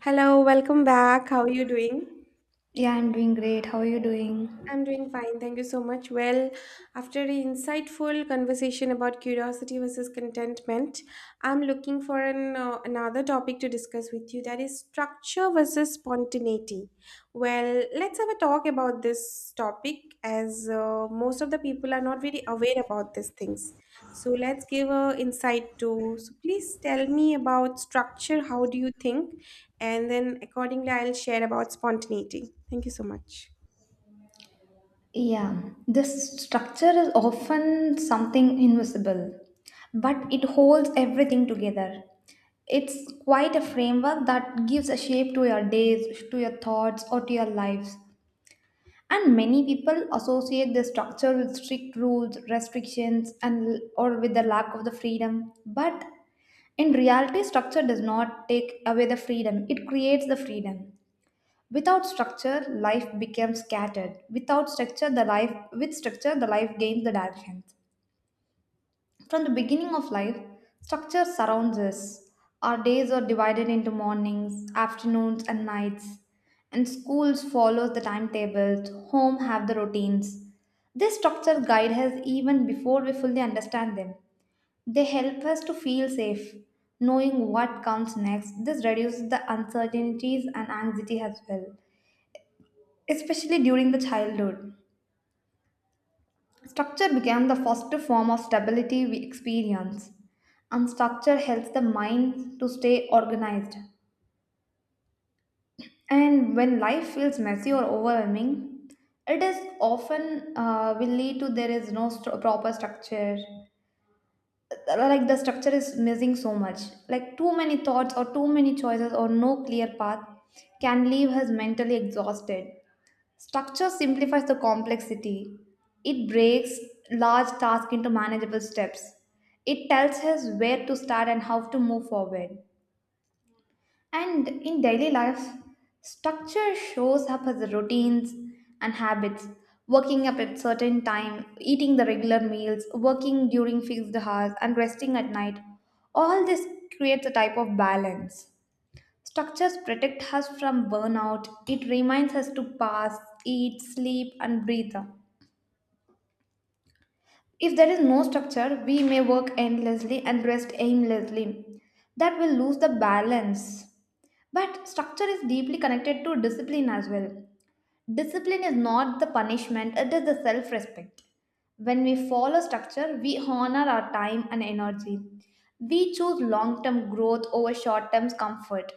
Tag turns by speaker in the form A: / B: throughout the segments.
A: Hello, welcome back. How are you doing?
B: Yeah, I'm doing great. How are you doing?
A: I'm doing fine. Thank you so much. Well, after an insightful conversation about curiosity versus contentment, I'm looking for an, another topic to discuss with you that is structure versus spontaneity. Well, let's have a talk about this topic as most of the people are not very aware about these things. So let's give a insight to. So please tell me about structure. How do you think? And then accordingly, I'll share about spontaneity. Thank you so much.
B: Yeah, this structure is often something invisible, but it holds everything together. It's quite a framework that gives a shape to your days, to your thoughts, or to your lives. And many people associate this structure with strict rules, restrictions, and or with the lack of the freedom. But in reality, structure does not take away the freedom. It creates the freedom. Without structure, life becomes scattered. Without structure, the life with structure, the life gains the direction. From the beginning of life, structure surrounds us. Our days are divided into mornings, afternoons, and nights. And schools follow the timetables, home have the routines. This structure guides us even before we fully understand them. They help us to feel safe, knowing what comes next. This reduces the uncertainties and anxiety as well especially during the childhood. Structure became the first form of stability we experience, and structure helps the mind to stay organized. And when life feels messy or overwhelming, it is often will lead to there is no proper structure. Like the structure is missing so much. Like too many thoughts or too many choices or no clear path can leave us mentally exhausted. Structure simplifies the complexity. It breaks large tasks into manageable steps. It tells us where to start and how to move forward. And in daily life, structure shows up as routines and habits. Waking up at certain time, eating the regular meals, working during fixed hours, and resting at night. All this creates a type of balance. Structures protect us from burnout. It reminds us to pass, eat, sleep, and breathe. If there is no structure, we may work endlessly and rest aimlessly. That will lose the balance. But structure is deeply connected to discipline as well. Discipline is not the punishment, it is the self respect. When we follow structure, we honor our time and energy. We choose long term growth over short term comfort.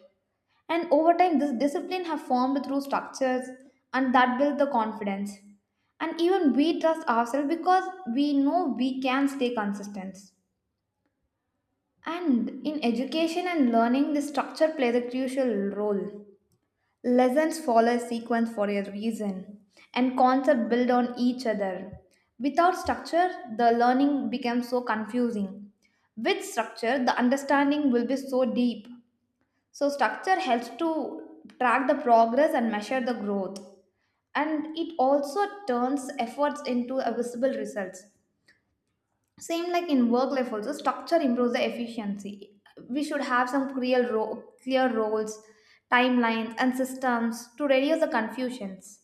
B: And over time, this discipline have formed through structures and that build the confidence. And even we trust ourselves because we know we can stay consistent. And in education and learning, the structure plays a crucial role. Lessons follow a sequence for a reason, and concepts build on each other. Without structure, the learning becomes so confusing. With structure, the understanding will be so deep. So, structure helps to track the progress and measure the growth, and it also turns efforts into a visible results. Same like in work life, also structure improves the efficiency. We should have some clear, clear roles, timelines, and systems to reduce the confusions.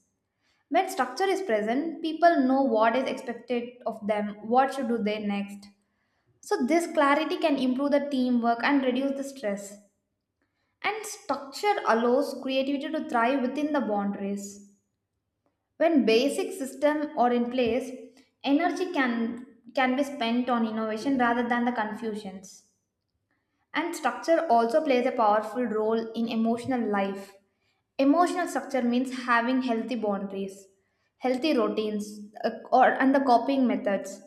B: When structure is present, people know what is expected of them, what should do they next. So this clarity can improve the teamwork and reduce the stress. And structure allows creativity to thrive within the boundaries. When basic system are in place, energy can be spent on innovation rather than the confusions. And structure also plays a powerful role in emotional life. Emotional structure means having healthy boundaries, healthy routines, or and the coping methods.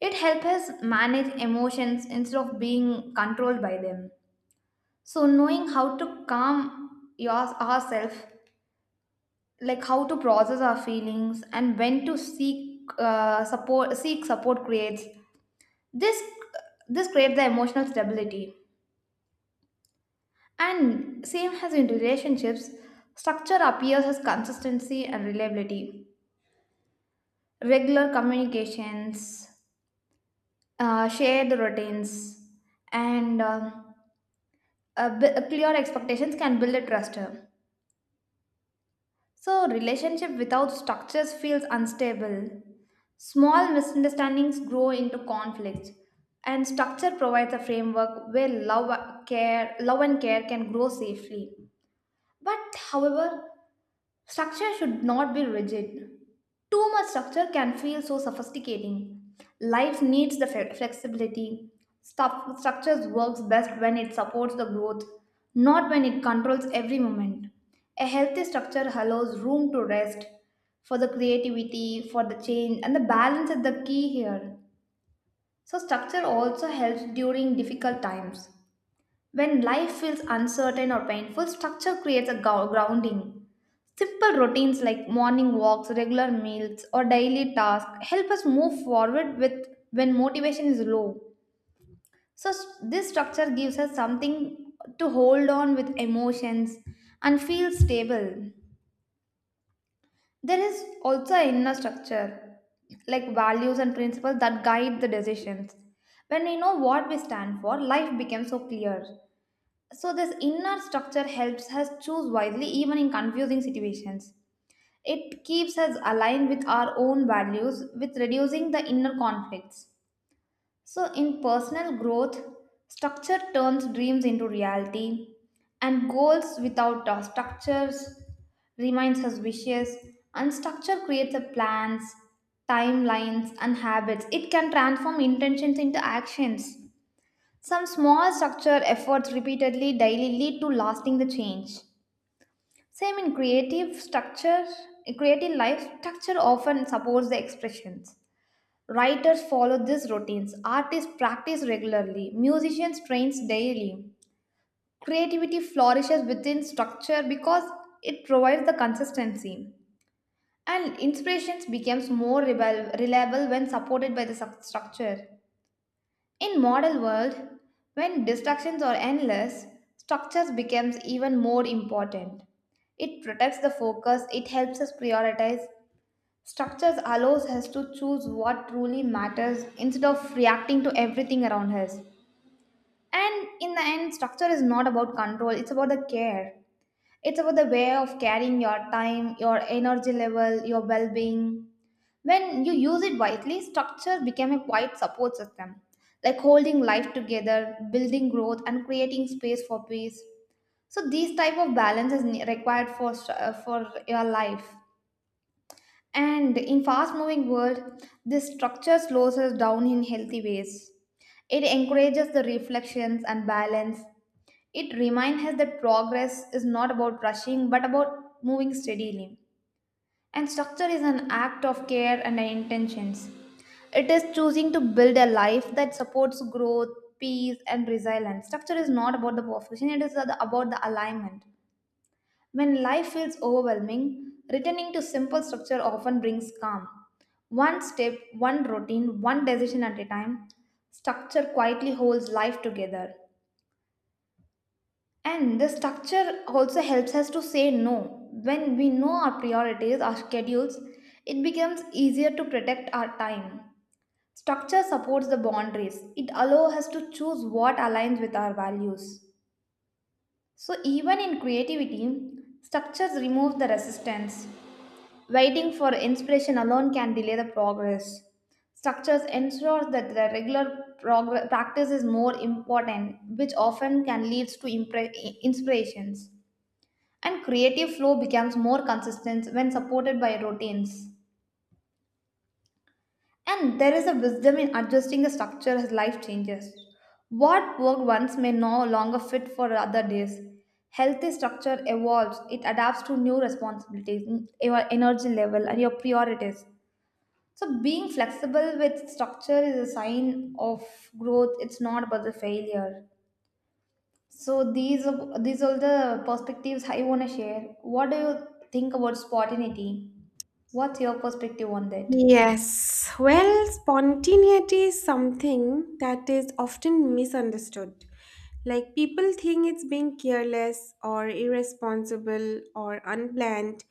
B: It helps us manage emotions instead of being controlled by them. So knowing how to calm your, ourselves like how to process our feelings and when to seek support seek support creates this this creates the emotional stability, and same as in relationships, structure appears as consistency and reliability, regular communications, shared routines, and a clear expectations can build a trust. So, relationship without structures feels unstable. Small misunderstandings grow into conflicts, and structure provides a framework where love, care, love and care can grow safely. But, however, structure should not be rigid. Too much structure can feel so sophisticating. Life needs the flexibility. Structures works best when it supports the growth, not when it controls every moment. A healthy structure allows room to rest for the creativity, for the change, and the balance is the key here. So structure also helps during difficult times. When life feels uncertain or painful, structure creates a grounding. Simple routines like morning walks, regular meals, or daily tasks help us move forward with when motivation is low. So this structure gives us something to hold on with emotions and feel stable. There is also an inner structure like values and principles that guide the decisions. When we know what we stand for, life becomes so clear. So this inner structure helps us choose wisely even in confusing situations. It keeps us aligned with our own values with reducing the inner conflicts. So in personal growth, structure turns dreams into reality and goals without structures reminds us wishes, and structure creates a plans, timelines and habits. It can transform intentions into actions. Some small structure efforts repeatedly daily lead to lasting the change. Same in creative structure, in creative life, structure often supports the expressions. Writers follow these routines, artists practice regularly, musicians trains daily. Creativity flourishes within structure because it provides the consistency. And inspirations becomes more reliable when supported by the structure. In modern world, when distractions are endless, structures becomes even more important. It protects the focus, it helps us prioritize. Structures allows us to choose what truly matters instead of reacting to everything around us. And in the end, structure is not about control, it's about the care. It's about the way of carrying your time, your energy level, your well being. When you use it wisely, structure become a quiet support system, like holding life together, building growth, and creating space for peace. So these type of balance is required for for your life. And in fast-moving world, this structure slows us down in healthy ways. It encourages the reflections and balance, it reminds us that progress is not about rushing but about moving steadily. And structure is an act of care and intentions. It is choosing to build a life that supports growth, peace, and resilience. Structure is not about the perfection, it is about the alignment. When life feels overwhelming, returning to simple structure often brings calm. One step, one routine, one decision at a time, structure quietly holds life together. And the structure also helps us to say no. When we know our priorities, our schedules, it becomes easier to protect our time. Structure supports the boundaries. It allows us to choose what aligns with our values. So even in creativity, structures remove the resistance. Waiting for inspiration alone can delay the progress. Structures ensure that the regular practice is more important, which often can lead to inspirations, and creative flow becomes more consistent when supported by routines. And there is a wisdom in adjusting the structure as life changes. What worked once may no longer fit for other days. Healthy structure evolves, it adapts to new responsibilities, your energy level, and your priorities. So, being flexible with structure is a sign of growth, it's not about the failure. So these are these all the perspectives I want to share. What do you think about spontaneity? What's your perspective on that?
A: Yes, well, spontaneity is something that is often misunderstood. Like, people think it's being careless or irresponsible or unplanned.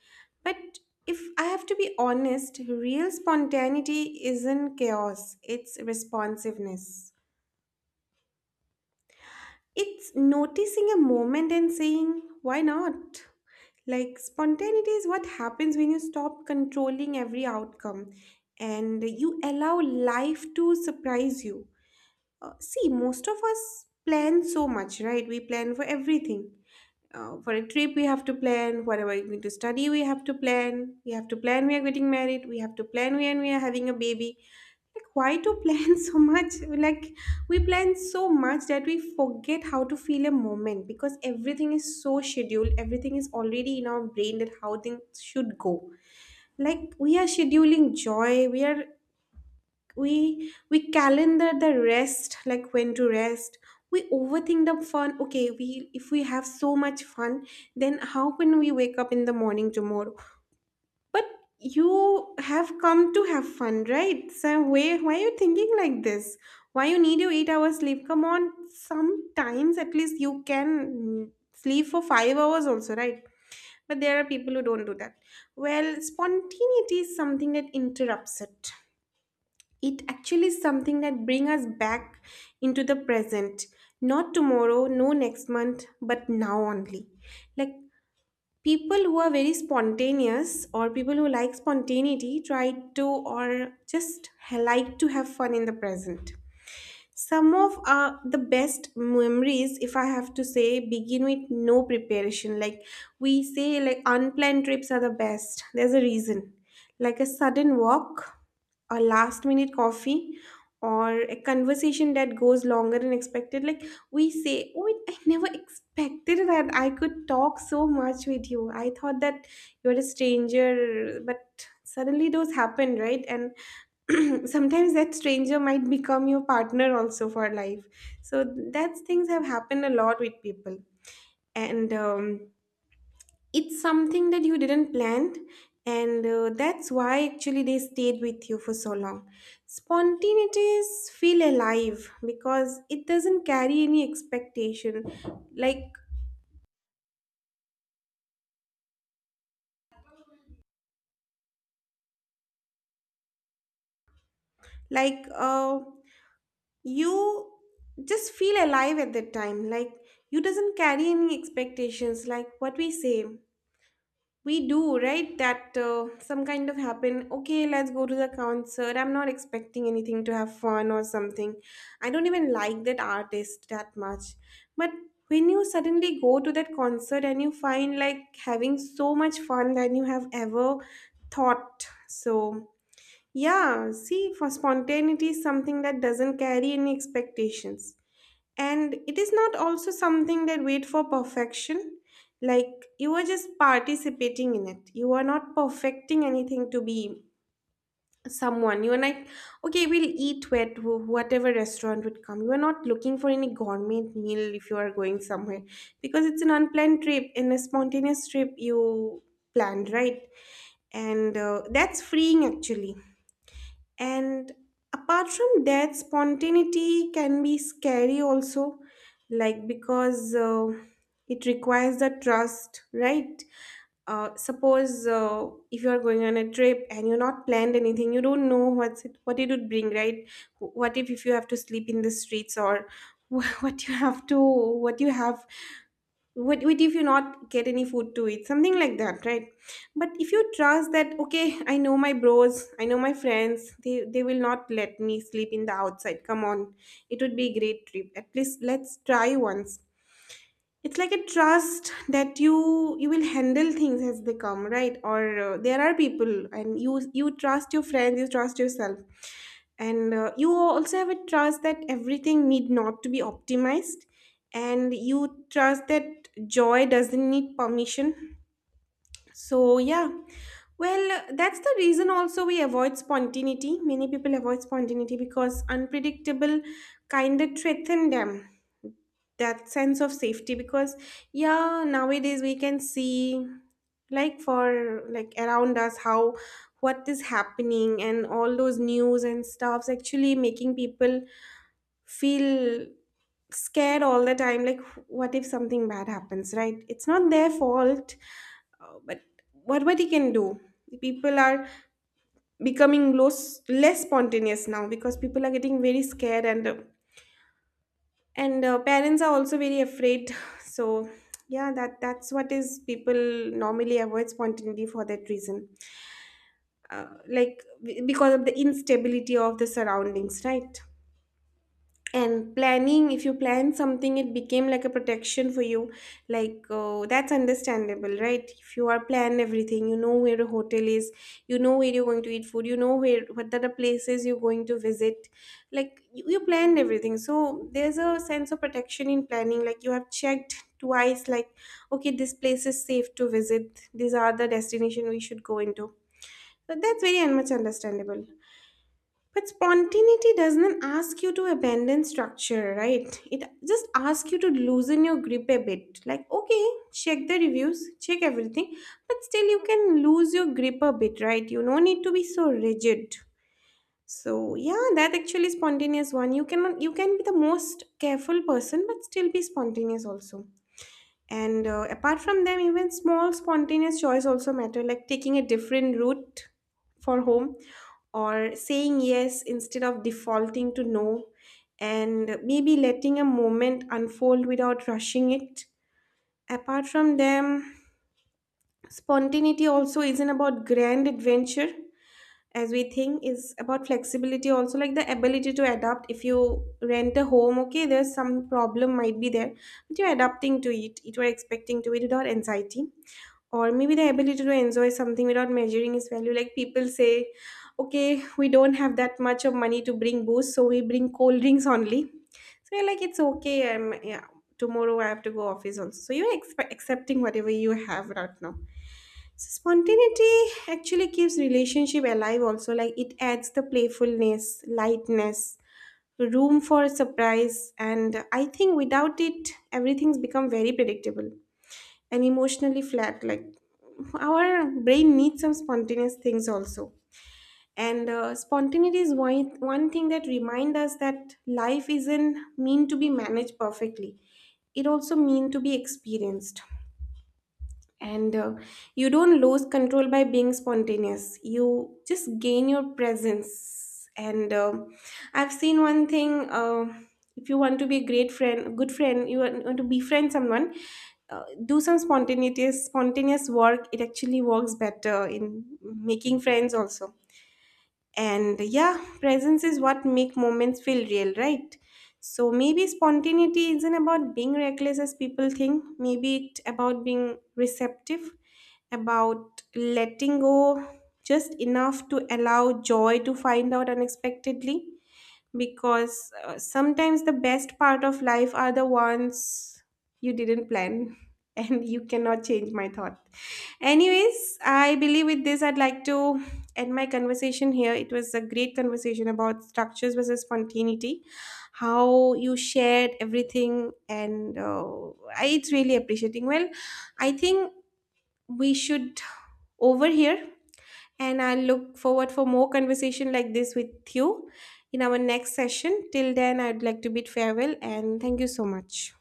A: But if I have to be honest, real spontaneity isn't chaos, it's responsiveness. It's noticing a moment and saying, why not? Like, spontaneity is what happens when you stop controlling every outcome and you allow life to surprise you. See, most of us plan so much, right? We plan for everything, for a trip we have to plan, whatever we're going to study we have to plan, we are getting married we have to plan, we and we are having a baby, like why to plan so much. Like, we plan so much that we forget how to feel a moment, because everything is so scheduled, everything is already in our brain that how things should go. Like, we are scheduling joy, we are we calendar the rest, like when to rest. We overthink the fun. Okay, we, if we have so much fun, then how can we wake up in the morning tomorrow? But you have come to have fun, right? So why are you thinking like this? Why you need your 8 hours sleep? Come on, sometimes at least you can, sleep for 5 hours also, right? But there are people who don't do that. Well, spontaneity is something that interrupts it. It actually is something that bring us back into the present, not tomorrow, no next month, but now only. Like, people who are very spontaneous, or people who like spontaneity, try to or just like to have fun in the present. Some of the best memories, if I have to say, begin with no preparation. Like, we say like unplanned trips are the best, there's a reason. Like a sudden walk, a last minute coffee, or a conversation that goes longer than expected. Like, we say, oh, I never expected that I could talk so much with you. I thought that you're a stranger, but suddenly those happen, right? And sometimes that stranger might become your partner also for life. So that's things have happened a lot with people. And it's something that you didn't plan, and that's why actually they stayed with you for so long. Spontaneities feel alive because it doesn't carry any expectation. Like, like, you just feel alive at that time. Like, you doesn't carry any expectations. Like what we say. We do, right? That some kind of happen. Okay, let's go to the concert. I'm not expecting anything to have fun or something. I don't even like that artist that much. But when you suddenly go to that concert and you find like having so much fun than you have ever thought. So, yeah, see, for spontaneity is something that doesn't carry any expectations. And it is not also something that wait for perfection. Like, you are just participating in it. You are not perfecting anything to be someone. You are like, okay, we'll eat at whatever restaurant would come. You are not looking for any gourmet meal if you are going somewhere, because it's an unplanned trip and a spontaneous trip you planned, right? And that's freeing actually. And apart from that, spontaneity can be scary also, like because it requires the trust, right? Suppose if you are going on a trip and you're not planned anything, you don't know what's it, what it would bring, right? What if you have to sleep in the streets, or what you have to, what you have, what if you not get any food to eat, something like that, right? But if you trust that, okay, I know my bros, I know my friends, they will not let me sleep in the outside, come on. It would be a great trip, at least let's try once. It's like a trust that you will handle things as they come, right? Or there are people, and you trust your friends, you trust yourself. And you also have a trust that everything need not to be optimized, and you trust that joy doesn't need permission. So yeah. Well, that's the reason also we avoid spontaneity. Many people avoid spontaneity because unpredictable kind of threaten them, that sense of safety, because yeah, nowadays we can see, like, for like around us how, what is happening, and all those news and stuffs actually making people feel scared all the time. Like, what if something bad happens, right? It's not their fault. But what he can do? People are becoming less spontaneous now because people are getting very scared, and parents are also very afraid so yeah, that's what is people normally avoid spontaneity for that reason. Like, because of the instability of the surroundings, right? And planning, if you plan something, it became like a protection for you. Like, oh, that's understandable, right? If you are plan everything, you know where a hotel is, you know where you're going to eat food, you know where, what are the places you're going to visit. Like, you planned everything, so there's a sense of protection in planning. Like, you have checked twice, like, okay, this place is safe to visit, these are the destination we should go into. So that's very much understandable. But spontaneity doesn't ask you to abandon structure, right? It just asks you to loosen your grip a bit. Like, okay, check the reviews, check everything, but still you can lose your grip a bit, right? You no need to be so rigid. So yeah, that actually spontaneous one. You cannot, you can be the most careful person but still be spontaneous also. And apart from them, even small spontaneous choice also matter, like taking a different route for home, or saying yes instead of defaulting to no, and maybe letting a moment unfold without rushing it. Apart from them, spontaneity also isn't about grand adventure as we think, is about flexibility also. Like the ability to adapt, if you rent a home, okay, there's some problem might be there, but you're adapting to it, you are expecting to it without anxiety. Or maybe the ability to enjoy something without measuring its value. Like, people say, okay, we don't have that much of money to bring booze, so we bring cold drinks only. So you're like, it's okay, yeah, tomorrow I have to go office also, so you're accepting whatever you have right now. So spontaneity actually keeps relationship alive also, like it adds the playfulness, lightness, room for surprise, and I think without it, everything's become very predictable and emotionally flat. Like, our brain needs some spontaneous things also. And spontaneity is one thing that reminds us that life isn't mean to be managed perfectly. It also mean to be experienced. And you don't lose control by being spontaneous, you just gain your presence. And I've seen one thing. If you want to be a great friend, good friend, you want to befriend someone, do some spontaneous work, it actually works better in making friends also. And yeah, presence is what make moments feel real, right? So maybe spontaneity isn't about being reckless as people think, maybe it's about being receptive, about letting go just enough to allow joy to find out unexpectedly. Because sometimes the best part of life are the ones you didn't plan and you cannot change my thought anyways. I believe with this I'd like to end my conversation here. It was a great conversation about structures versus spontaneity, how you shared everything. And it's really appreciating. Well, I think we should over here, and I look forward for more conversation like this with you in our next session. Till then, I'd like to bid farewell, and thank you so much.